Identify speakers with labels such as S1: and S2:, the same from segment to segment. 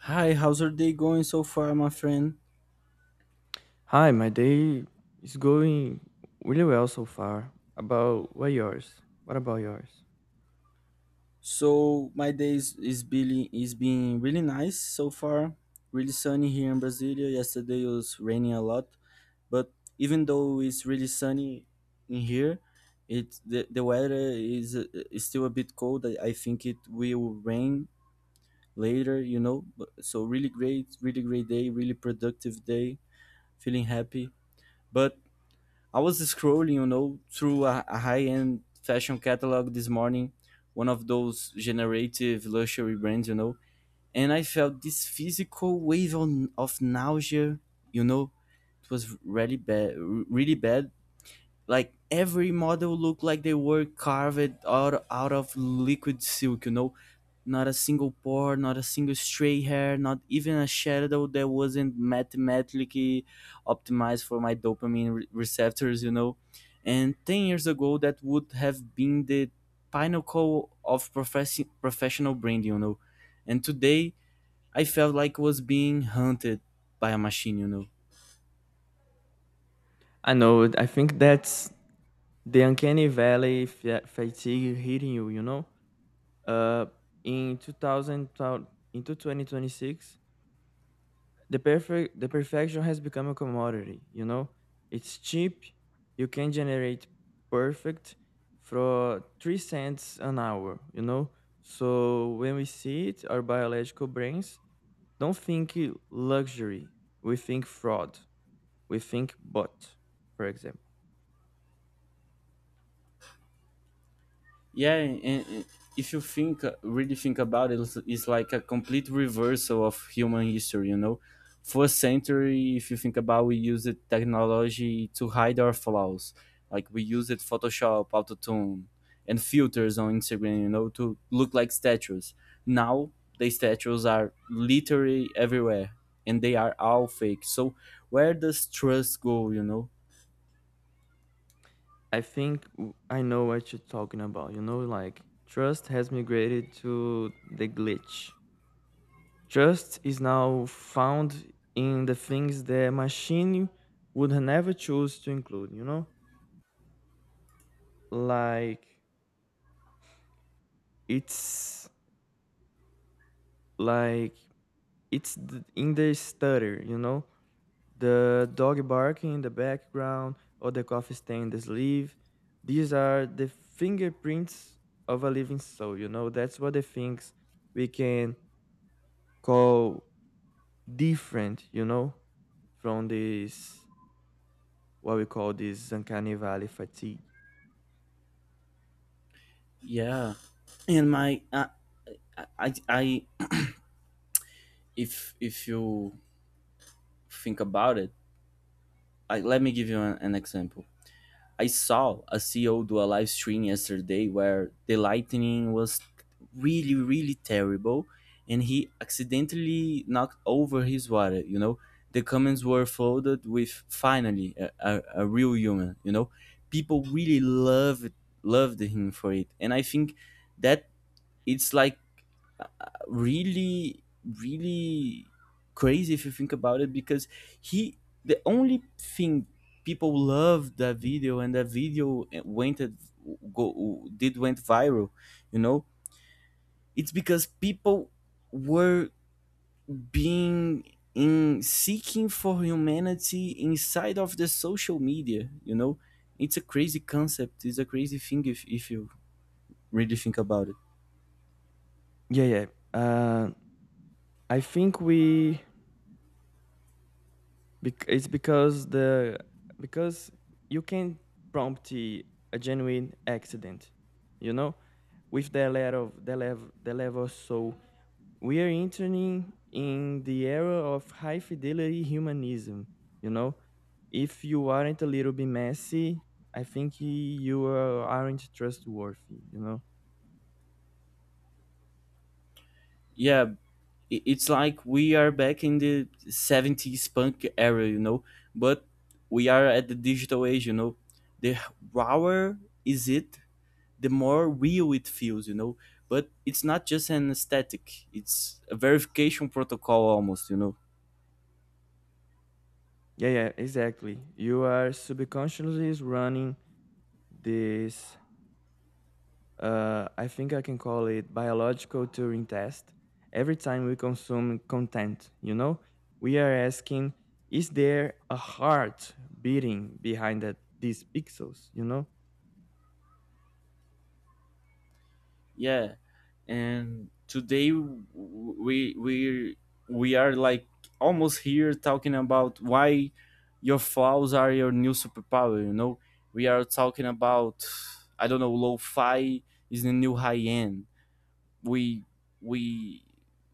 S1: Hi, how's your day going so far, my friend?
S2: Hi, my day is going really well so far. About what yours? What about yours?
S1: So my day is being really nice so far. Really sunny here in Brasilia. Yesterday it was raining a lot, but even though it's really sunny in here, the weather is still a bit cold. I think it will rain later. But so really great, really great day, really productive day. Feeling happy, but I was scrolling, through a high-end fashion catalog this morning, one of those generative luxury brands, and I felt this physical wave of nausea, you know. It was really bad, like every model looked like they were carved out of liquid silk. You know, not a single pore, not a single stray hair, not even a shadow that wasn't mathematically optimized for my dopamine receptors. You know, and 10 years ago that would have been the pinnacle of professional branding, you know, and today I felt like I was being hunted by a machine, you know?
S2: I know. I think that's the uncanny valley fatigue hitting you. You know, uh, in two thousand into 2026, the perfection has become a commodity. You know, it's cheap. You can generate perfect for 3 cents an hour. You know, so when we see it, our biological brains don't think luxury. We think fraud. We think bot, for example.
S1: Yeah, and if you think, really think about it, it's like a complete reversal of human history, you know? First century, if you think about, we used technology to hide our flaws. Like we used Photoshop, Autotune, and filters on Instagram, to look like statues. Now, the statues are literally everywhere and they are all fake. So, where does trust go, you know?
S2: I think I know what you're talking about. You know, like trust has migrated to the glitch. Trust is now found in the things the machine would never choose to include, you know? Like, it's like it's in the stutter, you know? The dog barking in the background, or the coffee stain in the sleeve. These are the fingerprints of a living soul, you know? That's what the things we can call different, you know, from this, what we call this uncanny valley fatigue.
S1: Yeah. And my, I, if you think about it, let me give you an example. I saw a CEO do a live stream yesterday where the lightning was really, really terrible, and he accidentally knocked over his water. The comments were flooded with, finally, a real human. People really loved him for it. And I think that it's like really really crazy if you think about it, because he the only thing — people loved that video and that video went at- go did went viral, you know, it's because people were being in seeking for humanity inside of the social media, you know. It's a crazy concept, it's a crazy thing if you really think about it.
S2: Yeah, yeah. Uh, I think we it's because you can prompt a genuine accident, you know, with the level of the level the level. So we are entering in the era of high fidelity humanism. You know, if you aren't a little bit messy, I think you aren't trustworthy. You know.
S1: Yeah, it's like we are back in the 70s punk era, you know, but we are at the digital age, you know. The rawer is it, the more real it feels, you know, but it's not just an aesthetic, it's a verification protocol almost, you know.
S2: Yeah, yeah, exactly. You are subconsciously running this, I think I can call it biological Turing test. Every time we consume content, you know, we are asking, is there a heart beating behind that, these pixels? You know,
S1: Yeah, and today we are like almost here talking about why your flaws are your new superpower, you know. We are talking about, I don't know, lo-fi is the new high end. we we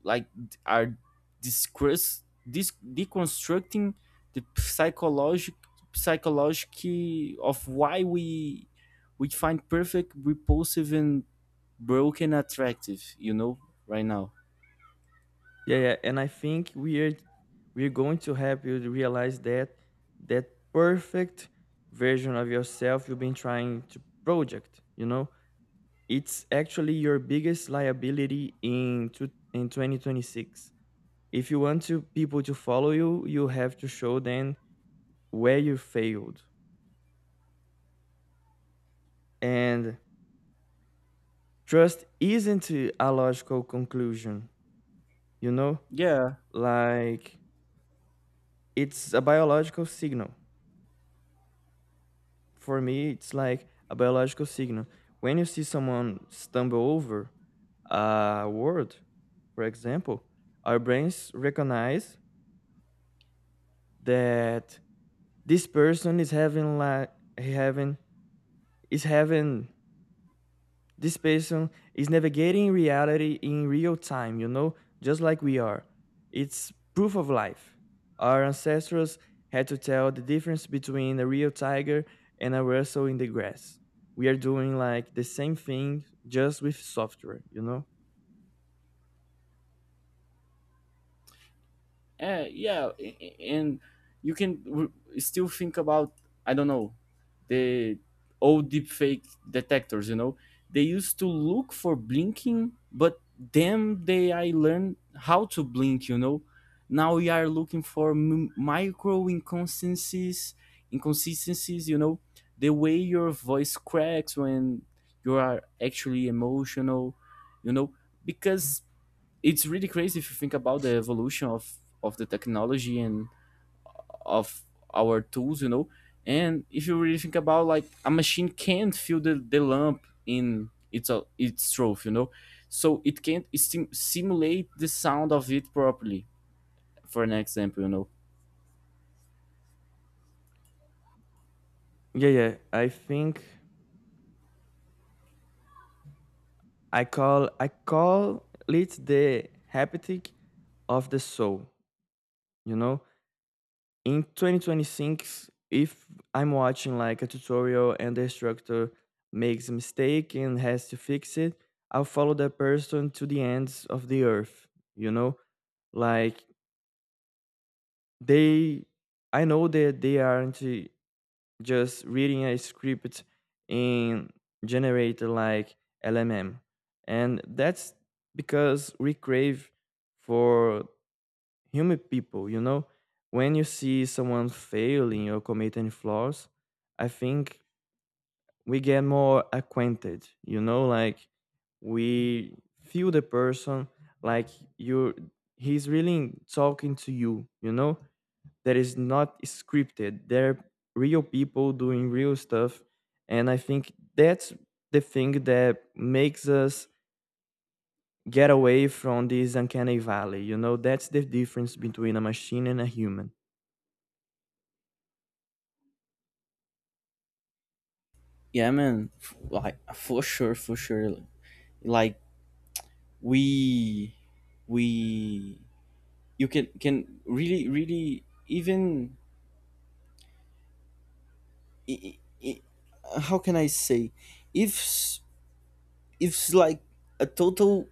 S1: like d- are discuss, this deconstructing the psychological of why we find perfect repulsive and broken attractive, you know, right now.
S2: yeah, yeah. And I think we're going to help you to realize that that perfect version of yourself you've been trying to project. You know, it's actually your biggest liability in in 2026. If you want to people to follow you have to show them where you failed, and trust isn't a logical conclusion, you know?
S1: Yeah.
S2: Like, it's a biological signal. For me, it's like a biological signal. When you see someone stumble over a word, for example, our brains recognize that this person is having like having is having This person is navigating reality in real time, you know, just like we are. It's proof of life. Our ancestors had to tell the difference between a real tiger and a rustle in the grass. We are doing like the same thing, just with software, you know?
S1: Yeah, and you can still think about, I don't know, the old deepfake detectors. You know, they used to look for blinking, but then they I learned how to blink. You know, now we are looking for micro inconsistencies. You know, the way your voice cracks when you are actually emotional. You know, because it's really crazy if you think about the evolution of the technology and of our tools, you know. And if you really think about, like, a machine can't feel the lump in its throat, you know, so it can't simulate the sound of it properly, for an example, you know.
S2: Yeah, yeah. I think I call it the haptic of the soul. You know, in 2026, if I'm watching like a tutorial and the instructor makes a mistake and has to fix it, I'll follow that person to the ends of the earth, you know? Like, they I know that they aren't, just reading a script in generator like lmm. And that's because we crave for humid people, you know? When you see someone failing or committing flaws, I think we get more acquainted, you know? Like, we feel the person. Like, you're he's really talking to you, you know, that is not scripted. They're real people doing real stuff. And I think that's the thing that makes us get away from this uncanny valley, you know? That's the difference between a machine and a human.
S1: Yeah, man, like for sure, for sure. Like, we we you can really really even i- i- how can I say, if if it's like a total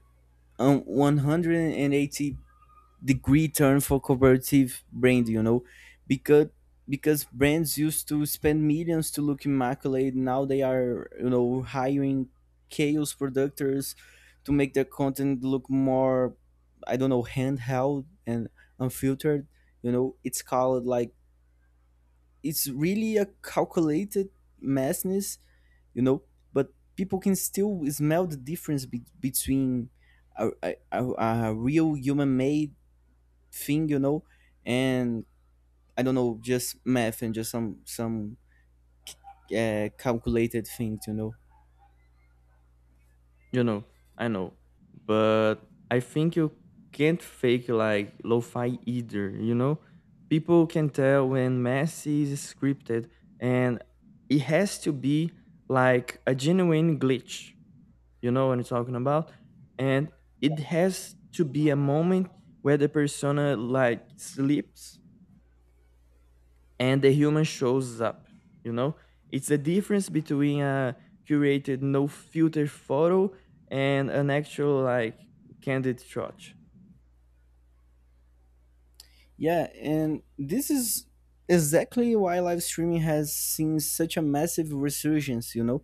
S1: 180-degree turn for cooperative brand, you know, because because brands used to spend millions to look immaculate. Now they are, you know, hiring chaos producers to make their content look more, I don't know, handheld and unfiltered, you know. It's called, like, it's really a calculated messiness, you know. But people can still smell the difference between a real human made thing, you know, and, I don't know, just math and just some calculated things, you know.
S2: You know, I know, but I think you can't fake like lo-fi either. You know, people can tell when Messi is scripted, and it has to be like a genuine glitch. You know what I'm talking about, and it has to be a moment where the persona like slips and the human shows up, you know? It's the difference between a curated no filter photo and an actual like candid shot.
S1: Yeah, and this is exactly why live streaming has seen such a massive resurgence, you know.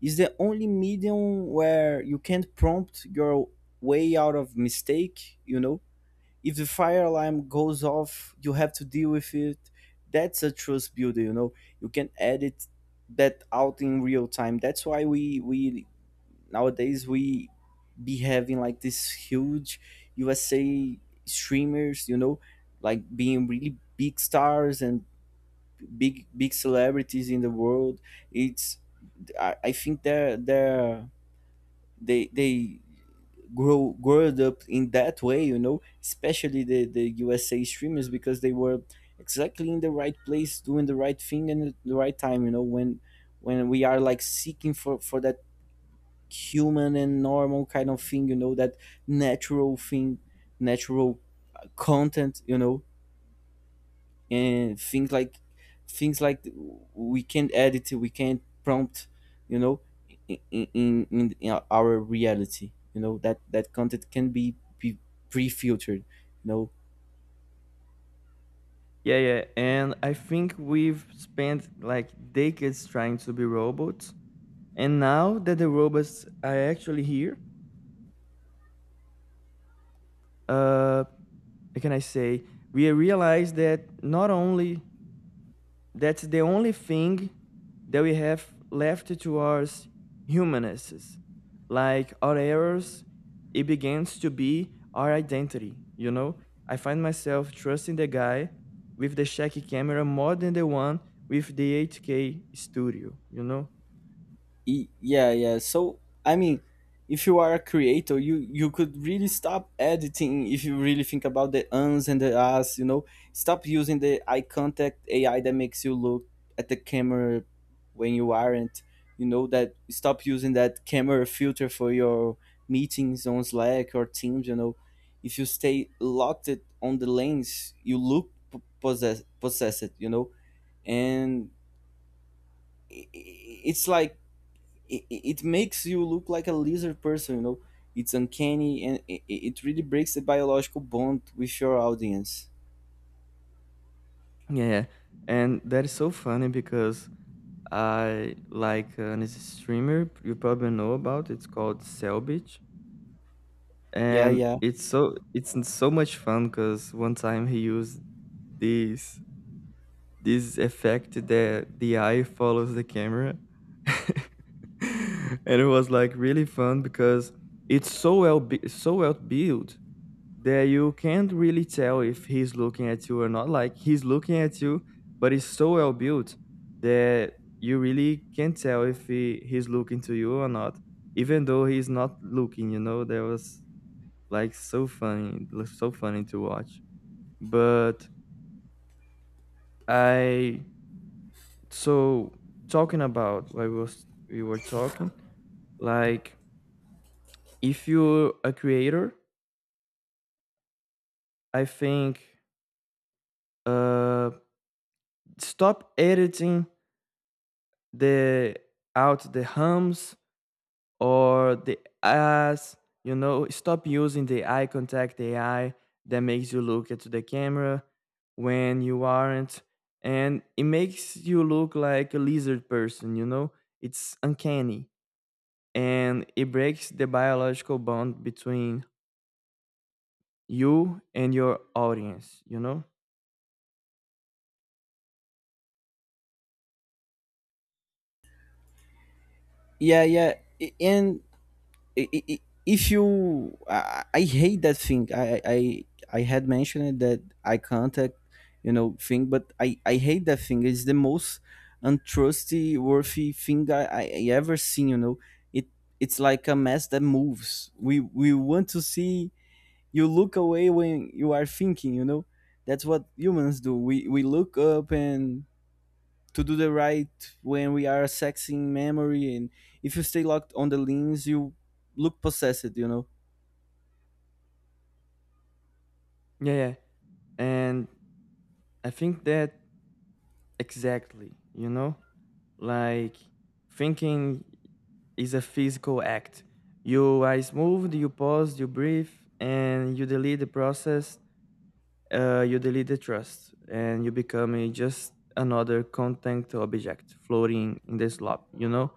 S1: It's the only medium where you can't prompt your way out of mistake, you know. If the fire alarm goes off, you have to deal with it. That's a trust builder, you know. You can edit that out in real time. That's why we nowadays we be having, like, this huge USA streamers, you know, like being really big stars and big celebrities in the world. It's i, I think they're they growed up in that way, you know, especially the USA streamers, because they were exactly in the right place doing the right thing and at the right time, you know, when we are like seeking for that human and normal kind of thing, you know, that natural thing natural content, you know, and things like we can't edit, we can't prompt, you know, in our reality, you know, that that content can be pre-filtered, you know.
S2: Yeah, yeah. And I think we've spent like decades trying to be robots, and now that the robots are actually here, uh how can I say, we realize that — not only — that's the only thing that we have left to us, humanists. Like, our errors, it begins to be our identity, you know? I find myself trusting the guy with the shaky camera more than the one with the 8K studio, you know?
S1: Yeah yeah, so I mean, if you are a creator, you could really stop editing if you really think about the uns and the as, you know. Stop using the eye contact AI that makes you look at the camera when you aren't, you know. That stop using that camera filter for your meetings on Slack or Teams, you know. If you stay locked it on the lens you look possessed, you know, and it's like it makes you look like a lizard person, you know. It's uncanny and it really breaks the biological bond with your audience.
S2: Yeah. And that is so funny because I like an streamer you probably know about. It's called Selbit.
S1: Yeah,
S2: And
S1: yeah,
S2: it's so it's n- so much fun because one time he used this this effect that the eye follows the camera and it was like really fun because it's so so well built that you can't really tell if he's looking at you or not. Like, he's looking at you, but it's so well built that you really can't tell if he's looking to you or not, even though he's not looking, you know? There was, like, so so funny to watch. But, I so talking about what was we were talking, like, if you're a creator, I think, uh stop editing the out the hums or the as, you know. Stop using the eye contact AI that makes you look into the camera when you aren't. And it makes you look like a lizard person, you know? It's uncanny, and it breaks the biological bond between you and your audience, you know?
S1: yeah, yeah. And I- I- if you I hate that thing. I had mentioned that eye contact, you know, thing, but I hate that thing. It's the most untrusty worthy thing I ever seen, you know. It it's like a mess that moves. We want to see you look away when you are thinking, you know. That's what humans do. We look up and to do the right when we are accessing memory, and if you stay locked on the lens you look possessed, you know.
S2: Yeah, yeah. And I think that, exactly, you know? Like, thinking is a physical act. You are smooth, you pause, you breathe, and you delete the process, you delete the trust, and you become just another content object floating in the slop, you know?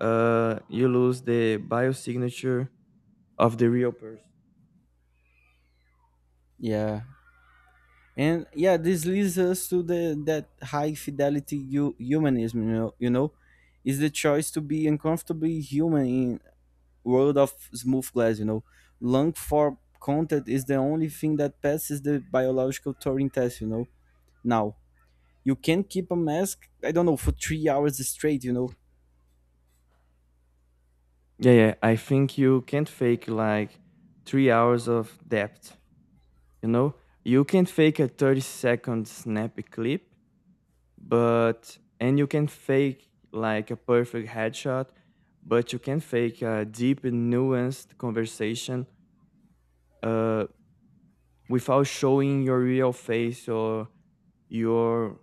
S2: You lose the biosignature of the real person.
S1: Yeah. And yeah, this leads us to the that high fidelity humanism, is the choice to be uncomfortably human in world of smooth glass, you know. Long for content is the only thing that passes the biological Turing test, you know. Now you can keep a mask, I don't know, for 3 hours straight, you know.
S2: Yeah, yeah, I think you can't fake like 3 hours of depth, you know? You can't fake a 30-second snappy clip, but, and you can fake like a perfect headshot, but you can fake a deep and nuanced conversation, uh, without showing your real face or your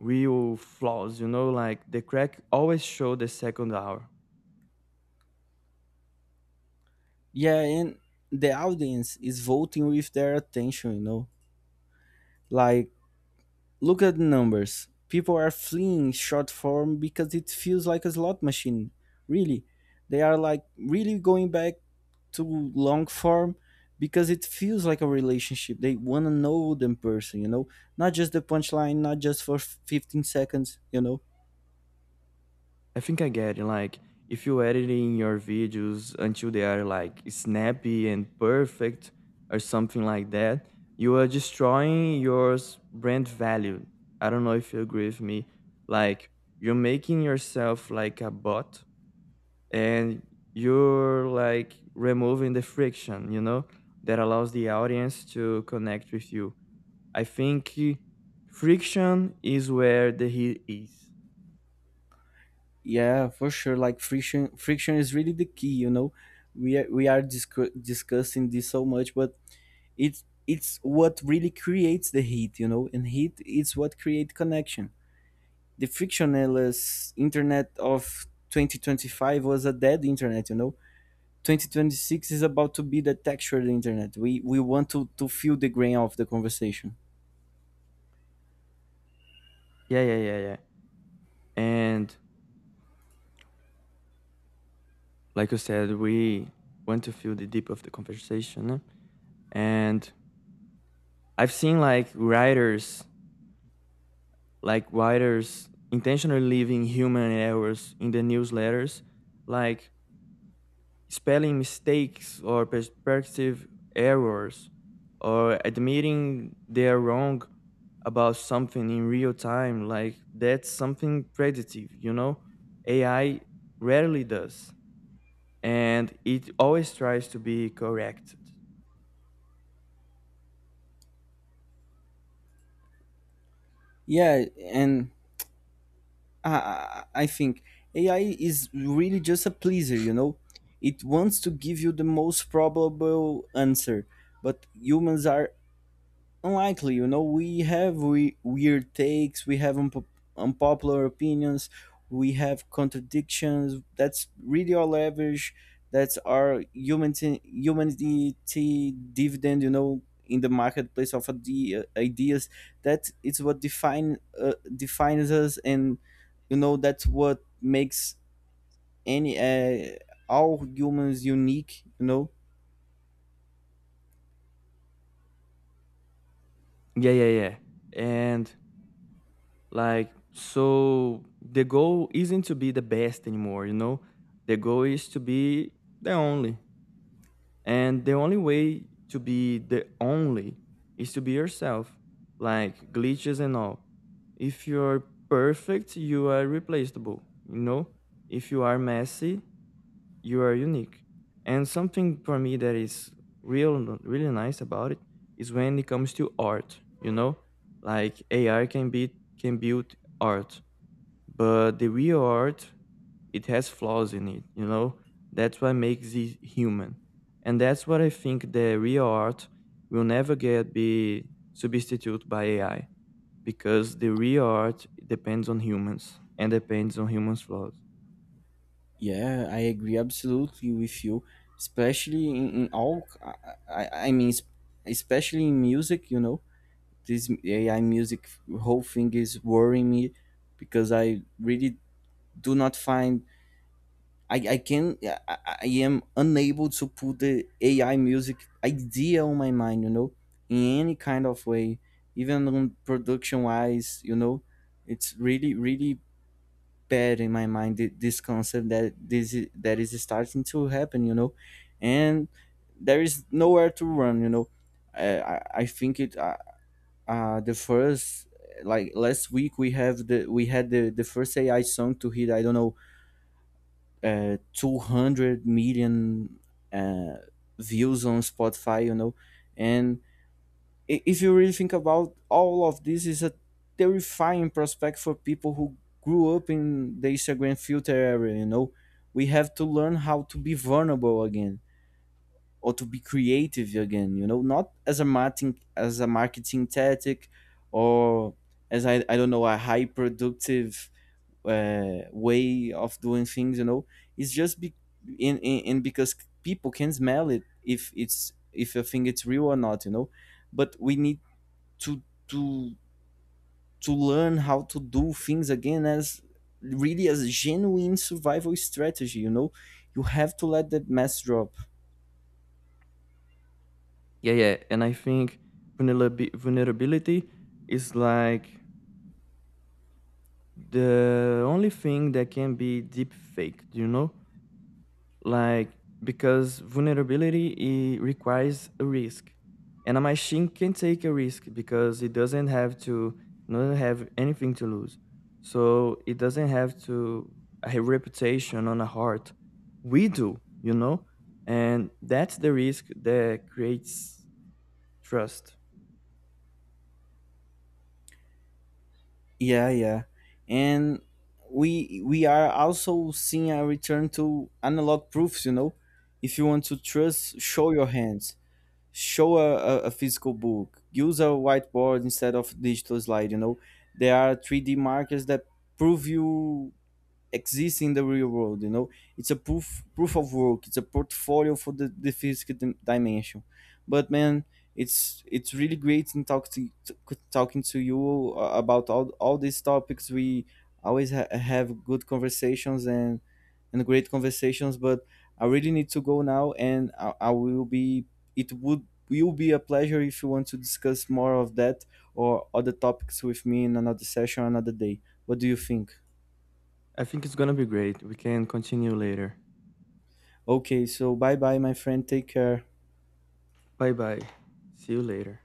S2: real flaws, you know? Like, the crack always show the second hour.
S1: Yeah, and the audience is voting with their attention, you know. Like, look at the numbers. People are fleeing short form because it feels like a slot machine. Really, they are, like, really going back to long form because it feels like a relationship. They want to know them person, you know, not just the punchline, not just for 15 seconds, you know.
S2: I think I get it. Like, if you're editing your videos until they are like snappy and perfect, or something like that, you are destroying your brand value. I don't know if you agree with me. Like, you're making yourself like a bot, and you're like removing the friction, you know, that allows the audience to connect with you. I think, friction is where the heat is.
S1: Yeah, for sure. Like, friction is really the key. You know, we are discussing this so much, but it's what really creates the heat. You know, and heat is what create connection. The frictionless internet of 2025 was a dead internet. You know, 2026 is about to be the textured internet. We want to feel the grain of the conversation.
S2: Yeah, yeah, yeah, yeah. And like you said, we want to feel the deep of the conversation. And I've seen like writers, intentionally leaving human errors in the newsletters, like spelling mistakes or perspective errors, or admitting they're wrong about something in real time. Like, that's something predictive, you know? AI rarely does, and it always tries to be corrected.
S1: Yeah, and I think AI is really just a pleaser, you know? It wants to give you the most probable answer, but humans are unlikely. You know, we have we weird takes, we have unpopular opinions, we have contradictions. That's really our leverage, that's our humanity dividend, you know, in the marketplace of ideas. That is what defines us, and, you know, that's what makes any all humans unique, you know.
S2: Yeah, yeah, yeah. And, like, so the goal isn't to be the best anymore, you know? The goal is to be the only. And the only way to be the only is to be yourself, like, glitches and all. If you're perfect, you are replaceable, you know? If you are messy, you are unique. And something for me that is real, really nice about it is when it comes to art. You know, like, AI can build art, but the real art, it has flaws in it. You know, that's what makes it human, and that's what I think the real art will never get be substituted by AI, because the real art depends on humans and depends on humans' flaws.
S1: Yeah, I agree absolutely with you, especially in all. I mean, especially in music, you know, this AI music whole thing is worrying me, because I really do not find I am unable to put the AI music idea on my mind, you know, in any kind of way, even on production wise, you know. It's really really bad in my mind, this concept that that is starting to happen, you know, and there is nowhere to run, you know. I think it the first, like, last week we had the first AI song to hit, I don't know, 200 million uh views on Spotify, you know, and if you really think about, all of this is a terrifying prospect for people who grew up in the Instagram filter area, you know. We have to learn how to be vulnerable again or to be creative again, you know, not as a marketing tactic, or, as I don't know, a high productive way of doing things, you know. It's just be in because people can smell it, if you think it's real or not, you know, but we need to to to learn how to do things again as really as a genuine survival strategy, you know. You have to let that mess drop.
S2: Yeah, yeah. And I think vulnerability is like the only thing that can be deep faked, you know? Like, because vulnerability, it requires a risk. And a machine can take a risk because it doesn't have to, doesn't have anything to lose. So, it doesn't have to a reputation on a heart. We do, you know? And that's the risk that creates trust.
S1: Yeah, yeah, and we are also seeing a return to analog proofs, you know. If you want to trust, show your hands, show a physical book, use a whiteboard instead of digital slide, you know. There are 3D markers that prove you exists in the real world, you know. It's a proof of work, it's a portfolio for the physical dimension. But, man, it's really great in talking to you about all these topics. We always have good conversations and great conversations, but I really need to go now, and I will be it would will be a pleasure if you want to discuss more of that or other topics with me in another session, another day. What do you think?
S2: I think it's gonna be great. We can continue later.
S1: Okay, so bye bye, my friend. Take care.
S2: Bye bye. See you later.